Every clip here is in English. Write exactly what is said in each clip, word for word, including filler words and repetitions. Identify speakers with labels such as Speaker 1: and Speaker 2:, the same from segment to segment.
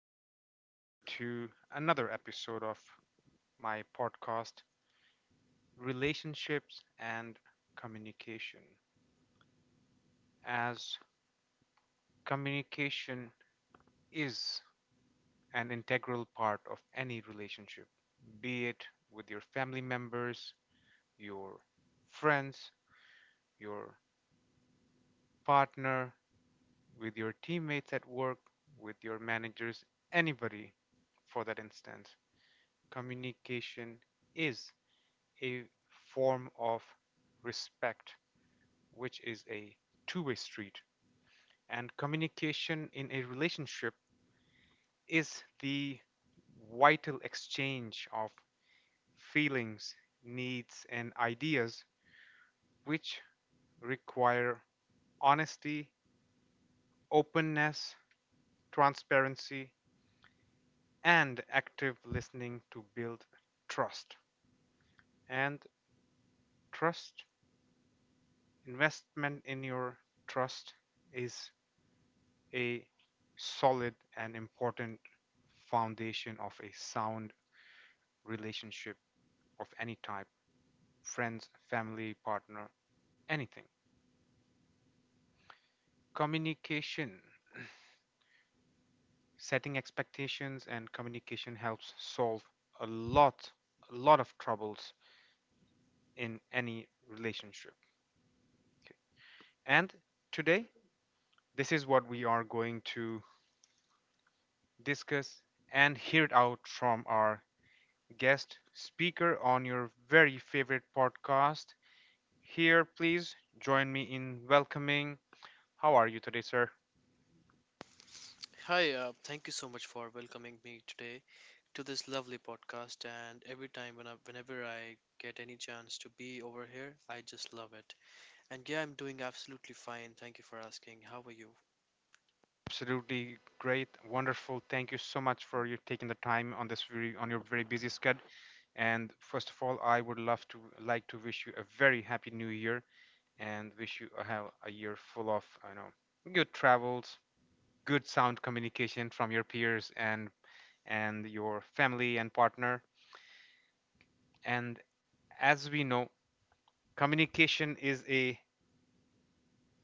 Speaker 1: everyone to another episode of my podcast, Relationships and Communication. As communication is an integral part of any relationship, be it with your family members, your friends, your partner, with your teammates at work, with your managers, anybody for that instance, communication is a form of respect, which is a two way street. And communication in a relationship is the vital exchange of feelings, needs, and ideas, which require honesty, openness, transparency, and active listening to build trust. And trust, investment in your trust is a solid and important foundation of a sound relationship of any type: friends, family, partner, anything. Communication, setting expectations, and communication helps solve a lot, a lot of troubles in any relationship. Okay. And today, this is what we are going to discuss and hear it out from our guest speaker on your very favorite podcast. Here, please join me in welcoming. How are you today, sir?
Speaker 2: Hi, uh, thank you so much for welcoming me today to this lovely podcast. And every time when I, whenever I get any chance to be over here, I just love it. And yeah, I'm doing absolutely fine. Thank you for asking. How are you?
Speaker 1: Absolutely great, wonderful. Thank you so much for you taking the time on this very, on your very busy schedule. And first of all, I would love to like to wish you a very happy New Year and wish you a, have a year full of, I know, good travels, good sound communication from your peers and and your family and partner. And as we know, communication is a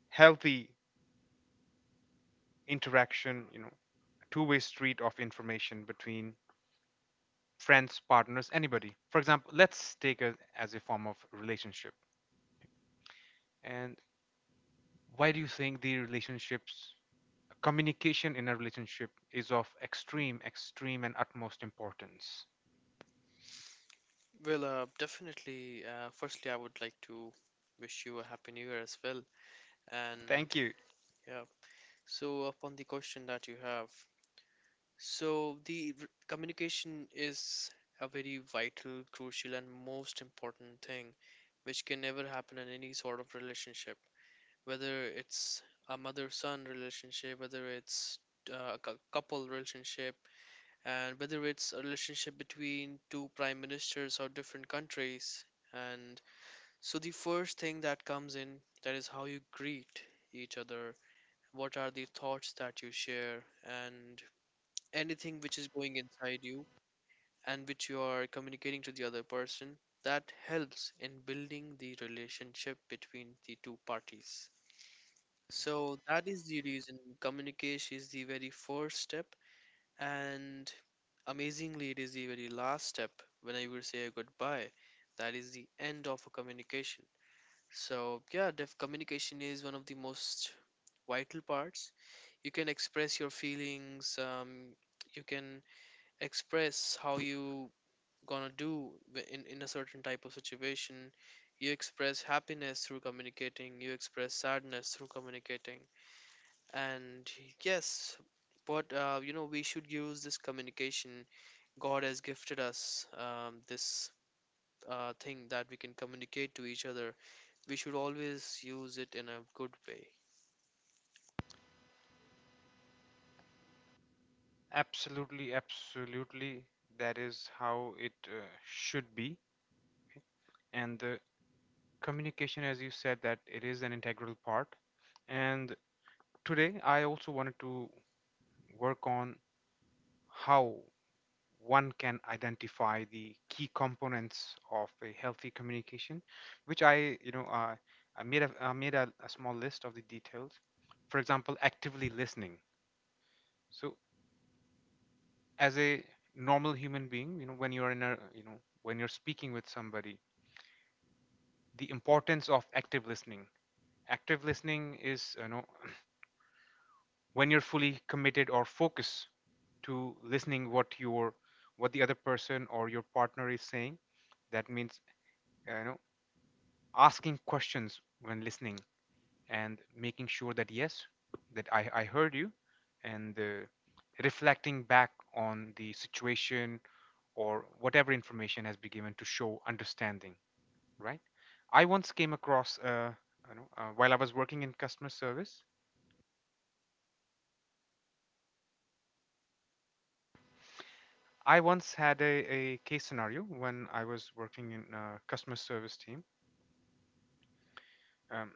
Speaker 1: healthy interaction, you know, two-way street of information between friends, partners, anybody. For example, let's take it as a form of relationship. And why do you think the relationships communication in a relationship is of extreme, extreme and utmost importance?
Speaker 2: Well, uh, definitely. Uh, firstly, I would like to wish you a happy new year as well.
Speaker 1: Thank
Speaker 2: And
Speaker 1: you.
Speaker 2: yeah, so upon the question that you have, so the r- communication is a very vital, crucial, and most important thing which can never happen in any sort of relationship, whether it's a mother son relationship, whether it's uh, a cou- couple relationship, and whether it's a relationship between two prime ministers or different countries. And so, the first thing that comes in, that is how you greet each other, what are the thoughts that you share, and anything which is going inside you and which you are communicating to the other person, that helps in building the relationship between the two parties. So that is the reason communication is the very first step, and amazingly it is the very last step. When I will say a goodbye, that is the end of a communication. So yeah, def- communication is one of the most vital parts. You can express your feelings, um, you can express how you gonna do wi- in, in a certain type of situation. You express happiness through communicating, you express sadness through communicating. And yes, but uh, you know, we should use this communication. God has gifted us um, this uh, thing that we can communicate to each other. We should always use it in a good way.
Speaker 1: Absolutely, absolutely. That is how it uh, should be. And the communication, as you said, that it is an integral part. And today, I also wanted to work on how one can identify the key components of a healthy communication, which i you know uh, i made a I made a, a small list of the details. For example, actively listening. So, as a normal human being, you know when you're in a you know when you're speaking with somebody, the importance of active listening. Active listening is, you know when you're fully committed or focused to listening what your what the other person or your partner is saying. That means, you know asking questions when listening, and making sure that, yes, that i, I heard you. And uh, reflecting back on the situation or whatever information has been given to show understanding, right. I once came across uh, you know, uh, While I was working in customer service, I once had a, a case scenario when I was working in a customer service team. um,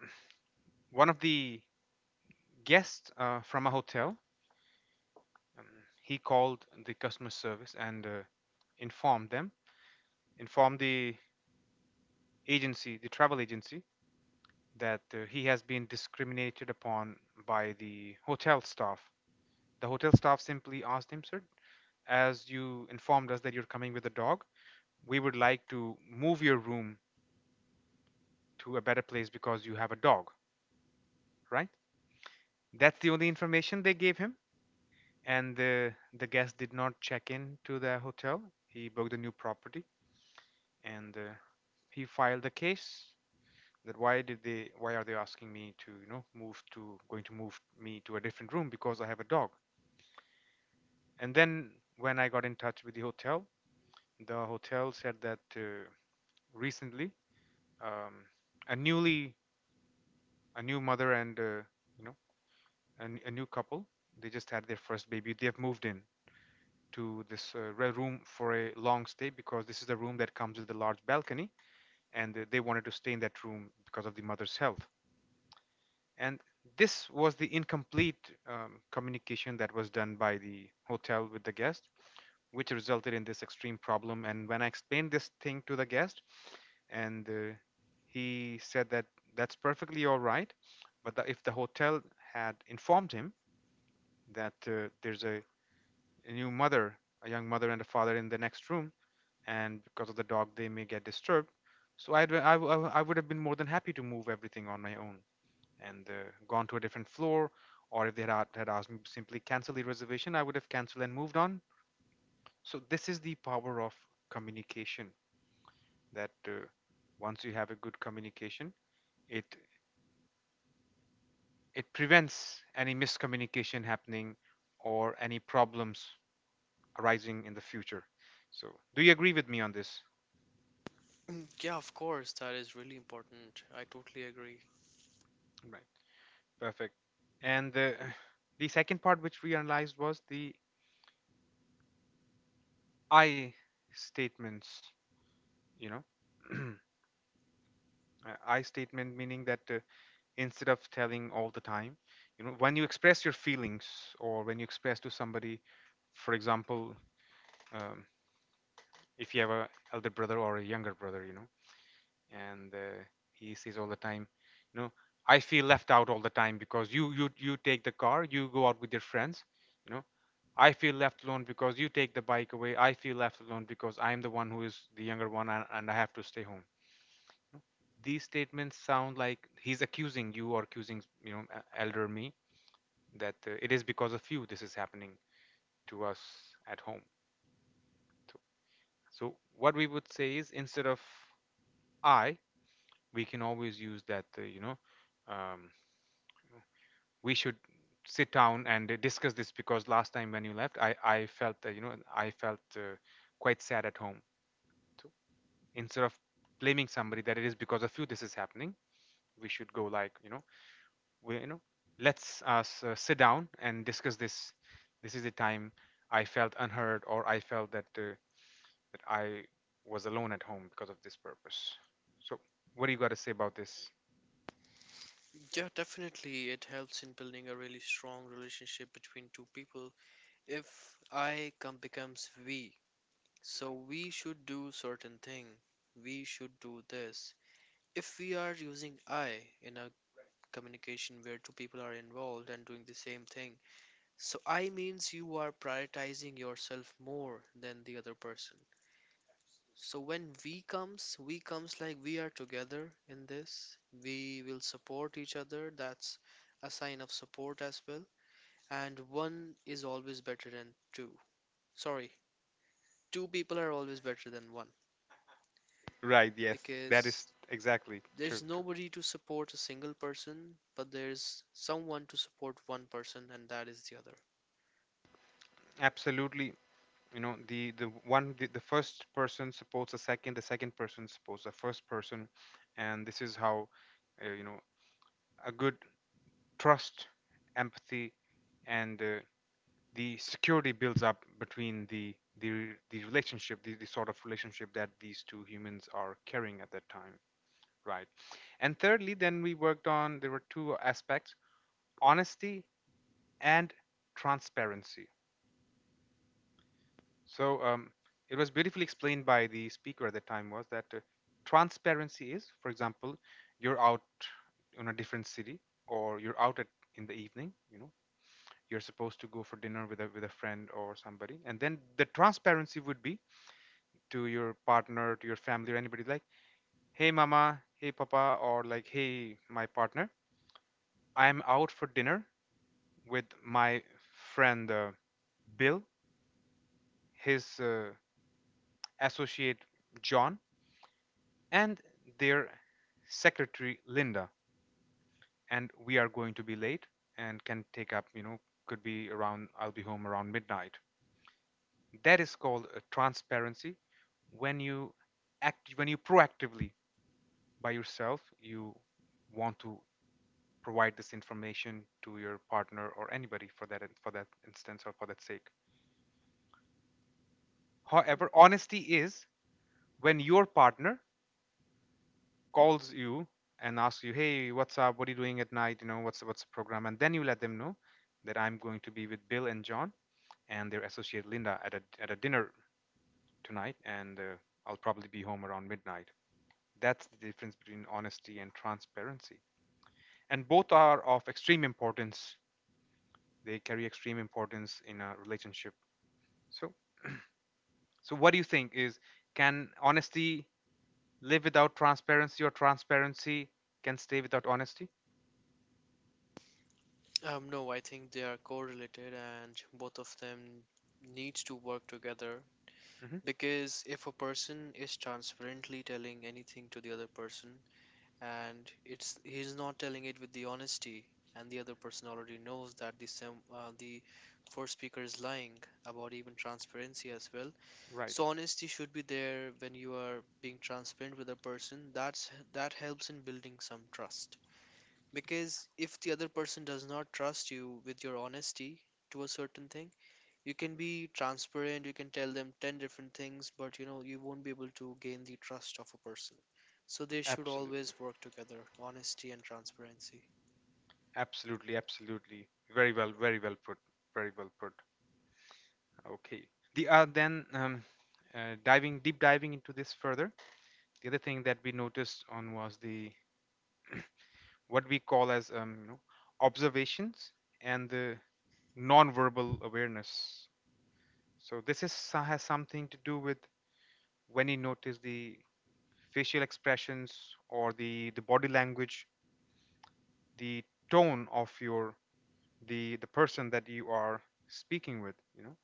Speaker 1: One of the guests uh, from a hotel, um, he called the customer service and uh, informed them, informed the agency, the travel agency, that uh, he has been discriminated upon by the hotel staff. The hotel staff simply asked him, "Sir, as you informed us that you're coming with a dog, we would like to move your room to a better place because you have a dog, right?" That's the only information they gave him. And the, the guest did not check in to the hotel. He booked a new property and uh, he filed a case that why did they why are they asking me to you know move to going to move me to a different room because I have a dog. And then when I got in touch with the hotel, the hotel said that uh, recently, um, a newly a new mother and uh, you know a a new couple, they just had their first baby. They have moved in to this uh, room for a long stay because this is the room that comes with a large balcony, and uh, they wanted to stay in that room because of the mother's health. And this was the incomplete um, communication that was done by the hotel with the guest, which resulted in this extreme problem. And when I explained this thing to the guest, and uh, he said that that's perfectly all right, but that if the hotel had informed him that uh, there's a, a new mother a young mother and a father in the next room, and because of the dog they may get disturbed, so I'd, I, w- I w- I would have been more than happy to move everything on my own and uh, gone to a different floor, or if they had, had asked me to simply cancel the reservation, I would have canceled and moved on. So, this is the power of communication, that uh, once you have a good communication, it it prevents any miscommunication happening or any problems arising in the future. So, do you agree with me on this?
Speaker 2: Mm, yeah, of course, that is really important. I totally agree.
Speaker 1: Right. Perfect. And uh, the second part which we analyzed was the I statements, you know. uh, I statement meaning that uh, instead of telling all the time, you know, when you express your feelings or when you express to somebody, for example, um, if you have a elder brother or a younger brother, you know, and uh, he says all the time, you know, I feel left out all the time because you you you take the car, you go out with your friends, you know, I feel left alone because you take the bike away. I feel left alone because I am the one who is the younger one, and, and I have to stay home. These statements sound like he's accusing you, or accusing, you know e- elder me, that uh, it is because of you this is happening to us at home. So, so what we would say is, instead of I we can always use that, uh, you know um, we should sit down and uh, discuss this, because last time when you left, i i felt that you know i felt uh, quite sad at home. So, instead of blaming somebody that it is because of you this is happening, we should go like you know we, you know, let's us uh, sit down and discuss this. This is the time I felt unheard, or I felt that uh, that I was alone at home because of this purpose. So, what do you got to say about this?
Speaker 2: Yeah, definitely, it helps in building a really strong relationship between two people. If I come becomes we, so we should do certain thing. We should do this. If we are using I in a communication where two people are involved and doing the same thing, so I means you are prioritizing yourself more than the other person. So when we comes, we comes like we are together in this. We will support each other. That's a sign of support as well. And one is always better than two. Sorry, two people are always better than one,
Speaker 1: Right. Yes, that
Speaker 2: because
Speaker 1: is exactly true.
Speaker 2: there's
Speaker 1: True.
Speaker 2: nobody to support a single person, but there's someone to support one person, and that is the other.
Speaker 1: Absolutely. You know, the the one the, the first person supports the second, the second person supports the first person, and this is how uh, you know a good trust, empathy, and uh, the security builds up between the the the relationship the, the sort of relationship that these two humans are carrying at that time, right. And thirdly, then we worked on — there were two aspects: honesty and transparency. So, um, it was beautifully explained by the speaker at the time, was that uh, transparency is, for example, you're out in a different city, or you're out at in the evening, you know you're supposed to go for dinner with a with a friend or somebody, and then the transparency would be to your partner, to your family, or anybody, like, "Hey, mama, hey, papa," or like, "Hey, my partner, I'm out for dinner with my friend, uh, Bill, his uh, associate John, and their secretary Linda. And we are going to be late, and can take up, you know, could be around, I'll be home around midnight." That is called uh, transparency, when you act when you proactively, by yourself, you want to provide this information to your partner or anybody, for that for that instance or for that sake. However, honesty is when your partner calls you and asks you, "Hey, what's up? What are you doing at night? you know what's what's the program?" And then you let them know that I'm going to be with Bill and John, and their associate Linda, at a, at a dinner tonight, and uh, I'll probably be home around midnight. That's the difference between honesty and transparency, and both are of extreme importance. They carry extreme importance in a relationship. So So what do you think is can honesty live without transparency, or transparency can stay without honesty?
Speaker 2: Um, no, I think they are correlated, and both of them needs to work together,
Speaker 1: Hmm.
Speaker 2: because if a person is transparently telling anything to the other person and it's he's not telling it with the honesty, and the other person already knows that the sem- uh, the first speaker is lying about even transparency as well.
Speaker 1: Right.
Speaker 2: So honesty should be there when you are being transparent with a person. That's that helps in building some trust, because if the other person does not trust you with your honesty to a certain thing, you can be transparent, you can tell them ten different things, but you know, you won't be able to gain the trust of a person. So they should
Speaker 1: Absolutely.
Speaker 2: always work together, honesty and transparency.
Speaker 1: Absolutely. Absolutely. Very well. Very well put. Very well put. Okay. The uh, then um, uh, diving deep Diving into this further. The other thing that we noticed on was the what we call as, um, you know, observations and the non-verbal awareness. So this is so- has something to do with when you notice the facial expressions or the the body language, the tone of your, the the person that you are speaking with, you know,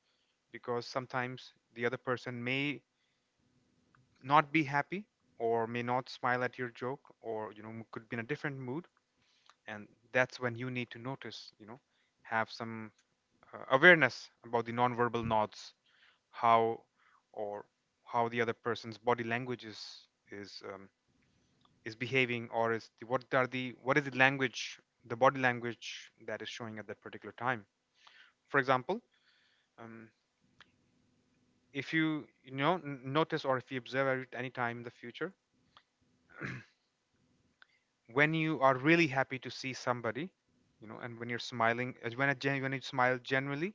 Speaker 1: because sometimes the other person may not be happy or may not smile at your joke, or you know, could be in a different mood. And that's when you need to notice, you know, have some uh, awareness about the nonverbal nods, how, or how the other person's body language is is um, is behaving, or is the, what are the, what is the language, the body language that is showing at that particular time. For example, um, if you, you know, n- notice, or if you observe at any time in the future, when you are really happy to see somebody, you know, and when you're smiling, as when, a gen- when you smile generally,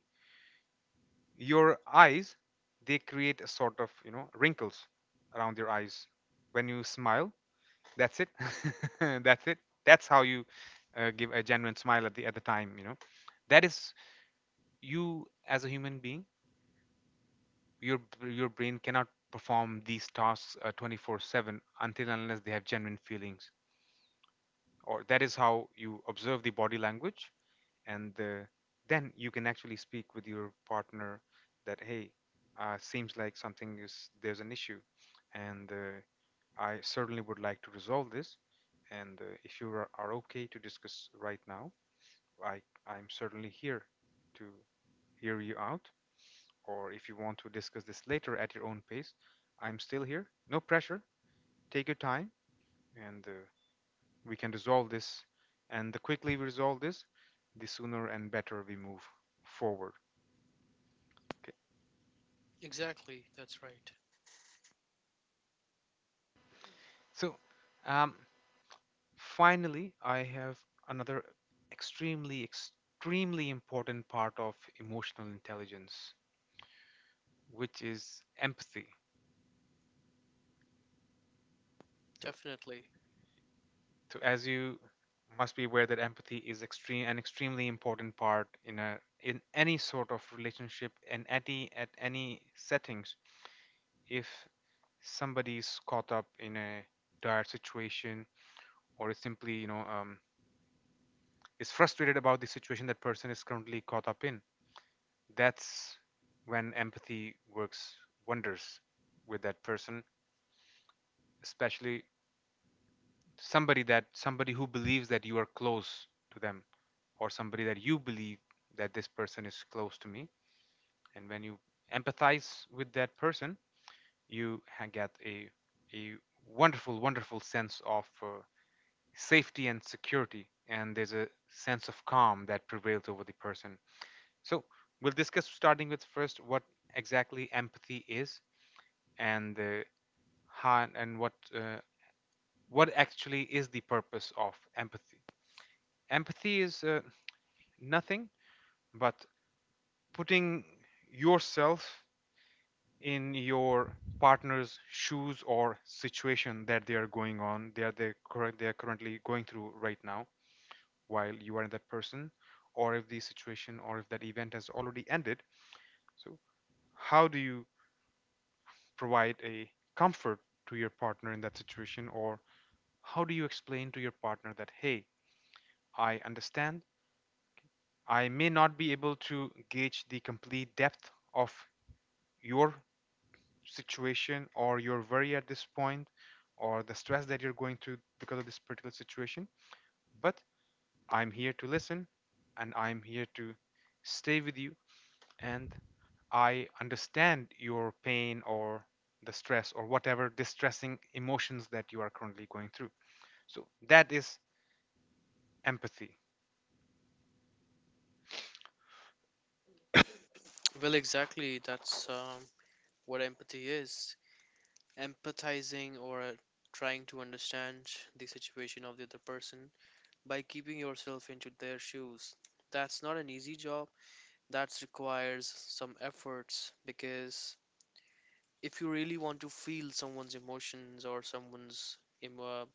Speaker 1: your eyes, they create a sort of, you know, wrinkles around your eyes when you smile. That's it. That's it. That's how you uh, give a genuine smile at the at the time. You know, that is you as a human being. Your your brain cannot perform these tasks uh, twenty-four seven until and unless they have genuine feelings. Or that is how you observe the body language. And uh, then you can actually speak with your partner that, hey, uh, seems like something is, there's an issue, and uh, I certainly would like to resolve this, and uh, if you are, are okay to discuss right now, i i'm certainly here to hear you out, or if you want to discuss this later at your own pace, I'm still here, no pressure, take your time, and uh, we can resolve this. And the quickly we resolve this, the sooner and better we move forward. Okay.
Speaker 2: Exactly, that's right.
Speaker 1: So, um, finally, I have another extremely, extremely important part of emotional intelligence, which is empathy. So,
Speaker 2: Definitely.
Speaker 1: so as you must be aware that empathy is extreme an extremely important part in a, in any sort of relationship and at any at any settings. If somebody is caught up in a dire situation, or is simply, you know, um, is frustrated about the situation that person is currently caught up in, that's when empathy works wonders with that person. Especially somebody that, somebody who believes that you are close to them, or somebody that you believe that this person is close to me, and when you empathize with that person, you ha- get a a wonderful, wonderful sense of uh, safety and security, and there's a sense of calm that prevails over the person. So we'll discuss, starting with first what exactly empathy is, and uh, how and what, uh, what actually is the purpose of empathy. Empathy is uh, nothing but putting yourself in your partner's shoes, or situation that they are going on they are they they are currently going through right now, while you are in that person, or if the situation or if that event has already ended. So how do you provide a comfort to your partner in that situation, or how do you explain to your partner that, hey, I understand. I may not be able to gauge the complete depth of your situation or your worry at this point, or the stress that you're going through because of this particular situation, but I'm here to listen, and I'm here to stay with you, and I understand your pain, or the stress, or whatever distressing emotions that you are currently going through. So that is empathy.
Speaker 2: Well, exactly, that's um, what empathy is. Empathizing, or uh, trying to understand the situation of the other person by keeping yourself into their shoes. That's not an easy job. That requires some efforts, because if you really want to feel someone's emotions or someone's em- uh,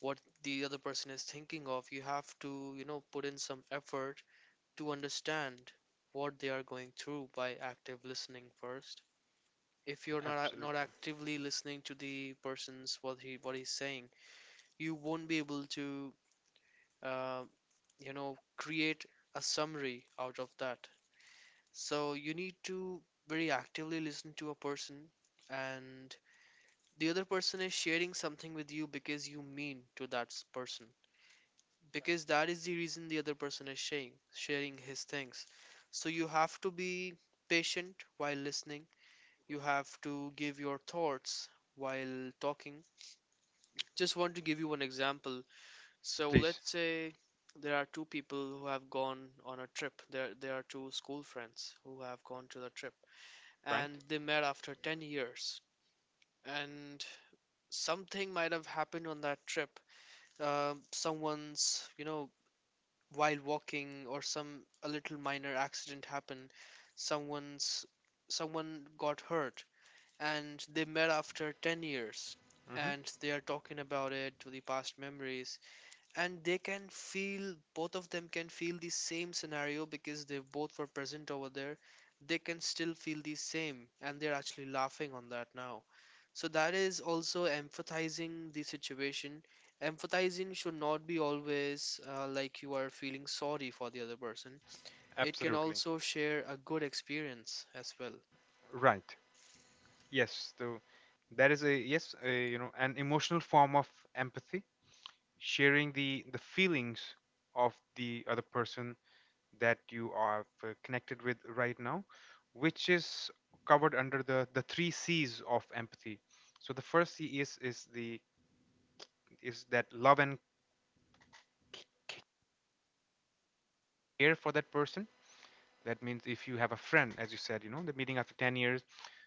Speaker 2: what the other person is thinking of, you have to, you know, put in some effort to understand what they are going through by active listening first. If you're not ac- not
Speaker 1: Absolutely.
Speaker 2: actively listening to the person's what he what he's saying, you won't be able to, uh, you know, create a summary out of that. So you need to very actively listen to a person. And the other person is sharing something with you because you mean to that s- person, because that is the reason the other person is sharing sharing his things. So you have to be patient while listening. You have to give your thoughts while talking. Just want to give you one example. So
Speaker 1: Please,
Speaker 2: let's say there are two people who have gone on a trip. There there are two school friends who have gone to the trip,
Speaker 1: right?
Speaker 2: and they met after ten years. And something might have happened on that trip. Um, someone's, you know, while walking, or some a little minor accident happened. someone's Someone got hurt, and they met after ten years,
Speaker 1: Hmm.
Speaker 2: and they are talking about it, to the past memories. And they can feel, both of them can feel the same scenario, because they both were present over there. They can still feel the same, and they're actually laughing on that now. So that is also empathizing the situation. Empathizing should not be always uh, like you are feeling sorry for the other person. It can
Speaker 1: Absolutely.
Speaker 2: also share a good experience as well.
Speaker 1: Right. Yes. So that is a, yes, a, you know, an emotional form of empathy, sharing the the feelings of the other person that you are uh, connected with right now, which is covered under the the three C's of empathy. So the first C is is the, is that love and care for that person. That means if you have a friend, as you said, you know, the meeting after ten years.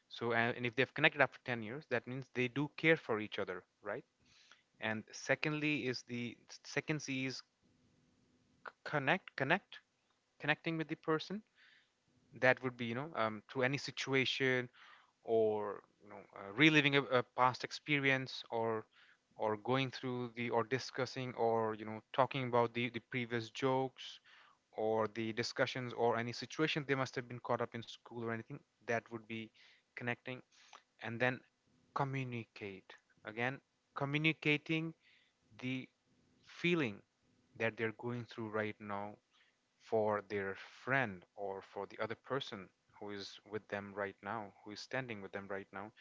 Speaker 1: So uh, and if they've connected after ten years, that means they do care for each other, right? And secondly is the, second C is, c- connect connect connecting with the person. That would be, you know, um, through any situation, or you know, uh, reliving a, a past experience, or or going through the, or discussing, or you know, talking about the, the previous jokes, or the discussions, or any situation they must have been caught up in school or anything. That would be connecting. And then communicate, again, communicating the feeling that they're going through right now for their friend, or for the other person who is with them right now, who is standing with them right now,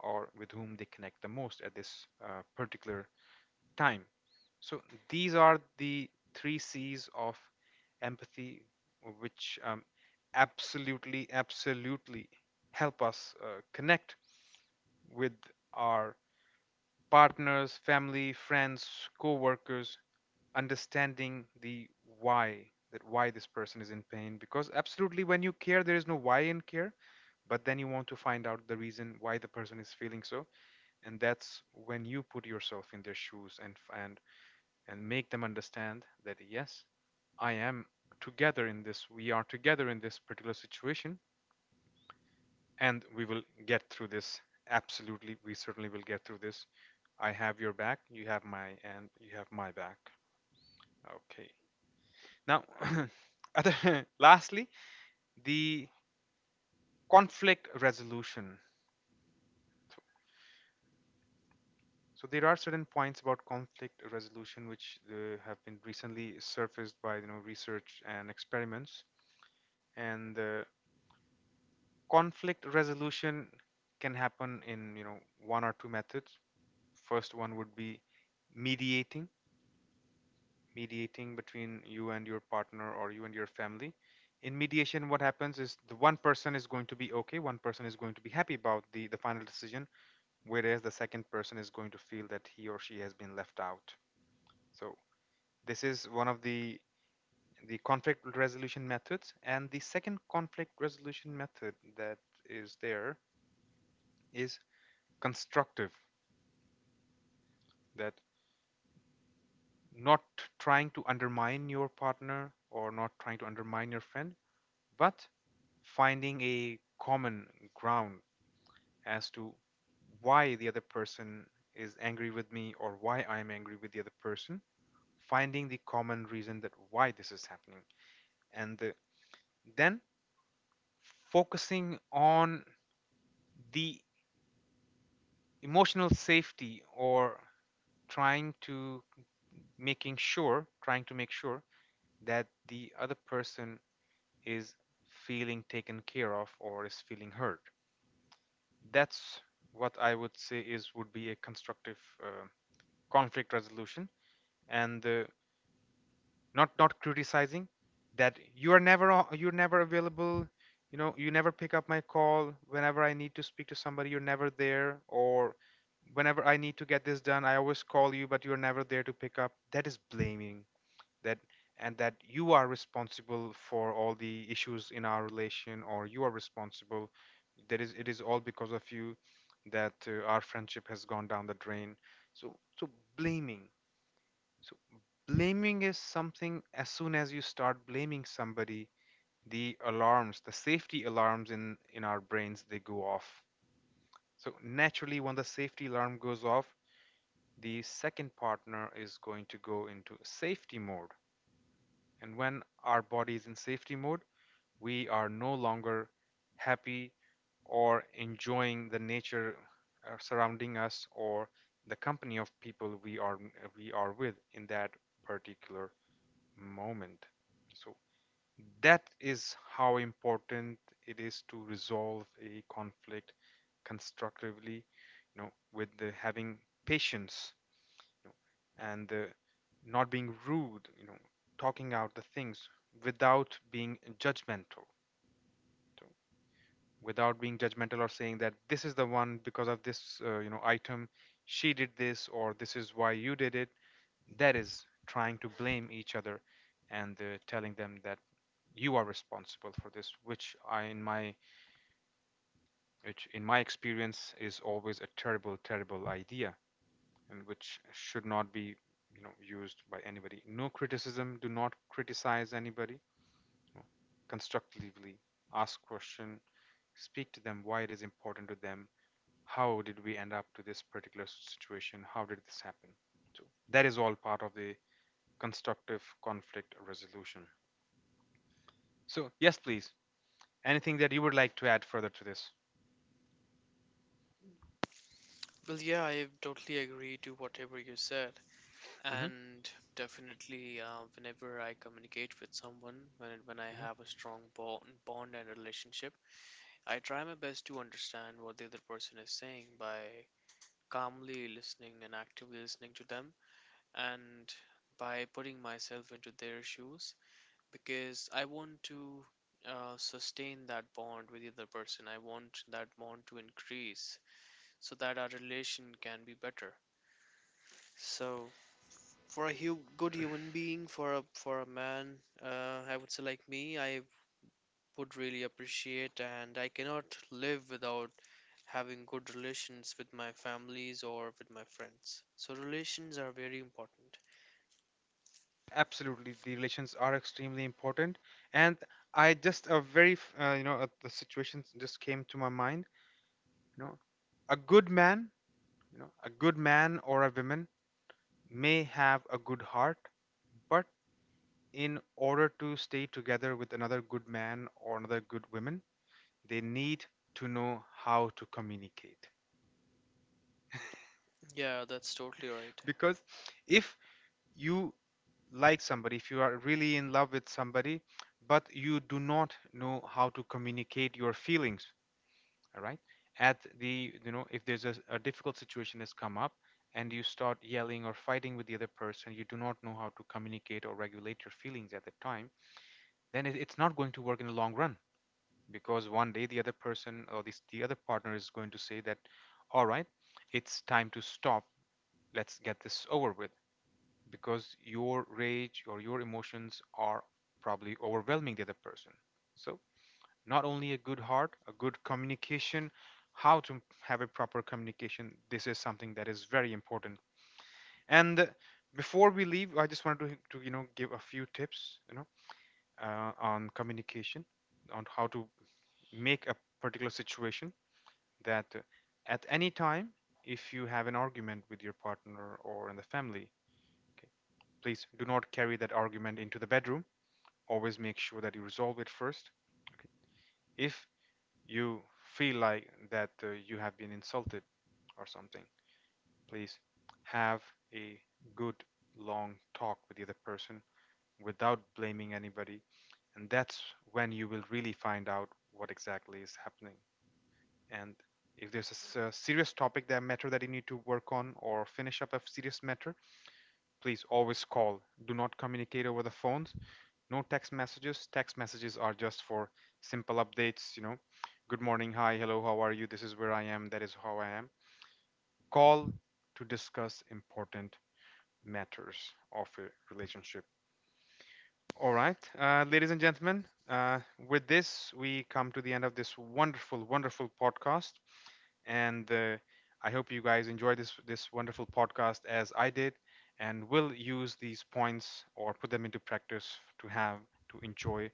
Speaker 1: or with whom they connect the most at this uh, particular time. So these are the three C's of empathy, which um, absolutely, absolutely help us uh, connect with our partners, family, friends, co workers, understanding the why, that why this person is in pain, because absolutely, when you care there is no why in care. But then you want to find out the reason why the person is feeling so, and that's when you put yourself in their shoes, and and and make them understand that yes, I am together in this, we are together in this particular situation, and we will get through this. Absolutely, we certainly will get through this. I have your back you have my And you have my back. Okay. Now, other, lastly, the conflict resolution. So there are certain points about conflict resolution which uh, have been recently surfaced by, you know, research and experiments, and uh, conflict resolution can happen in, you know, one or two methods. First one would be mediating mediating between you and your partner, or you and your family. In mediation, what happens is, the one person is going to be okay, one person is going to be happy about the, the final decision, whereas the second person is going to feel that he or she has been left out. So this is one of the the conflict resolution methods. And the second conflict resolution method that is there is constructive. That, not trying to undermine your partner, or not trying to undermine your friend, but finding a common ground as to why the other person is angry with me, or why I'm angry with the other person, finding the common reason, that why this is happening, and the, then focusing on the emotional safety, or trying to, making sure, trying to make sure that the other person is feeling taken care of, or is feeling hurt. That's what I would say is, would be a constructive uh, conflict resolution. And uh, not not criticizing, that you are never o- you're never available. You know, you never pick up my call whenever I need to speak to somebody. You're never there, or whenever I need to get this done, I always call you, but you're never there to pick up. That is blaming. That, and that you are responsible for all the issues in our relation, or you are responsible, that, is it is all because of you that uh, our friendship has gone down the drain. So so blaming. So blaming is something, as soon as you start blaming somebody, the alarms, the safety alarms in in our brains, they go off. So naturally, when the safety alarm goes off, the second partner is going to go into safety mode, and when our body is in safety mode, we are no longer happy or enjoying the nature, uh, surrounding us, or the company of people we are we are with in that particular moment. So that is how important it is to resolve a conflict constructively, you know, with the having patience, you know, and uh, not being rude, you know, talking out the things without being judgmental. So without being judgmental, or saying that this is the one because of this, uh, you know, item, she did this, or this is why you did it. That is trying to blame each other, and uh, telling them that you are responsible for this, which I, in my, which in my experience is always a terrible, terrible idea, and which should not be, you know, used by anybody. No criticism. Do not criticize anybody. Constructively ask question, speak to them why it is important to them, how did we end up to this particular situation, how did this happen. So that is all part of the constructive conflict resolution. So yes, please, anything that you would like to add further to this?
Speaker 2: Well, yeah, I totally agree to whatever you said.
Speaker 1: Hmm.
Speaker 2: And definitely, uh, whenever I communicate with someone, when, when I
Speaker 1: Hmm.
Speaker 2: have a strong bond, bond and relationship, I try my best to understand what the other person is saying by calmly listening and actively listening to them, and by putting myself into their shoes, because I want to, uh, sustain that bond with the other person. I want that bond to increase, so that our relation can be better. So for a hu- good human being, for a for a man, uh, I would say, like me, I would really appreciate and I cannot live without having good relations with my families or with my friends. So relations are very important.
Speaker 1: Absolutely, the relations are extremely important. And I just a very f- uh, you know, uh, the situation just came to my mind. You know, a good man, you know, a good man or a woman, may have a good heart, but in order to stay together with another good man or another good woman, they need to know how to communicate.
Speaker 2: Yeah, that's totally right.
Speaker 1: Because if you like somebody, if you are really in love with somebody, but you do not know how to communicate your feelings, all right? At the, you know, if there's a, a difficult situation has come up, and you start yelling or fighting with the other person, you do not know how to communicate or regulate your feelings at the time, then it, it's not going to work in the long run, because one day the other person, or this, the other partner is going to say that, all right, it's time to stop. Let's get this over with, because your rage or your emotions are probably overwhelming the other person. So, not only a good heart, a good communication, how to have a proper communication, this is something that is very important. And before we leave, I just wanted to, to you know, give a few tips, you know, uh, on communication, on how to make a particular situation, that uh, at any time, if you have an argument with your partner or in the family, okay, please do not carry that argument into the bedroom. Always make sure that you resolve it first. Okay. If you feel like that uh, you have been insulted or something, please have a good long talk with the other person without blaming anybody. And that's when you will really find out what exactly is happening. And if there's a serious topic that matter that you need to work on, or finish up a serious matter, please always call. Do not communicate over the phones. No text messages. Text messages are just for simple updates, you know, good morning, hi, hello, how are you, this is where I am, that is how I am. Call to discuss important matters of a relationship. All right, uh, ladies and gentlemen, uh, with this we come to the end of this wonderful, wonderful podcast, and uh, I hope you guys enjoy this this wonderful podcast as I did, and will use these points, or put them into practice, to have, to enjoy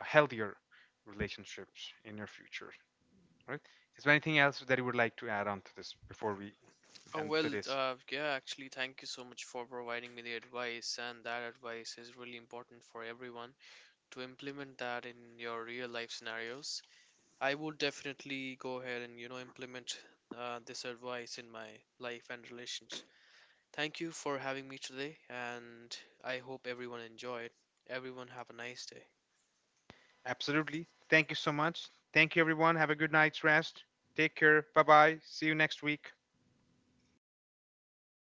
Speaker 1: a healthier relationships in your future. Right? Is there anything else that you would like to add on to this before we
Speaker 2: Oh
Speaker 1: end
Speaker 2: well,
Speaker 1: today's?
Speaker 2: uh, yeah, actually, thank you so much for providing me the advice, and that advice is really important for everyone to implement that in your real life scenarios. I would definitely go ahead and, you know, implement uh, this advice in my life and relations. Thank you for having me today, and I hope everyone enjoyed. Everyone have a nice day.
Speaker 1: Absolutely. Thank you so much. Thank you, everyone. Have a good night's rest. Take care. Bye bye. See you next week.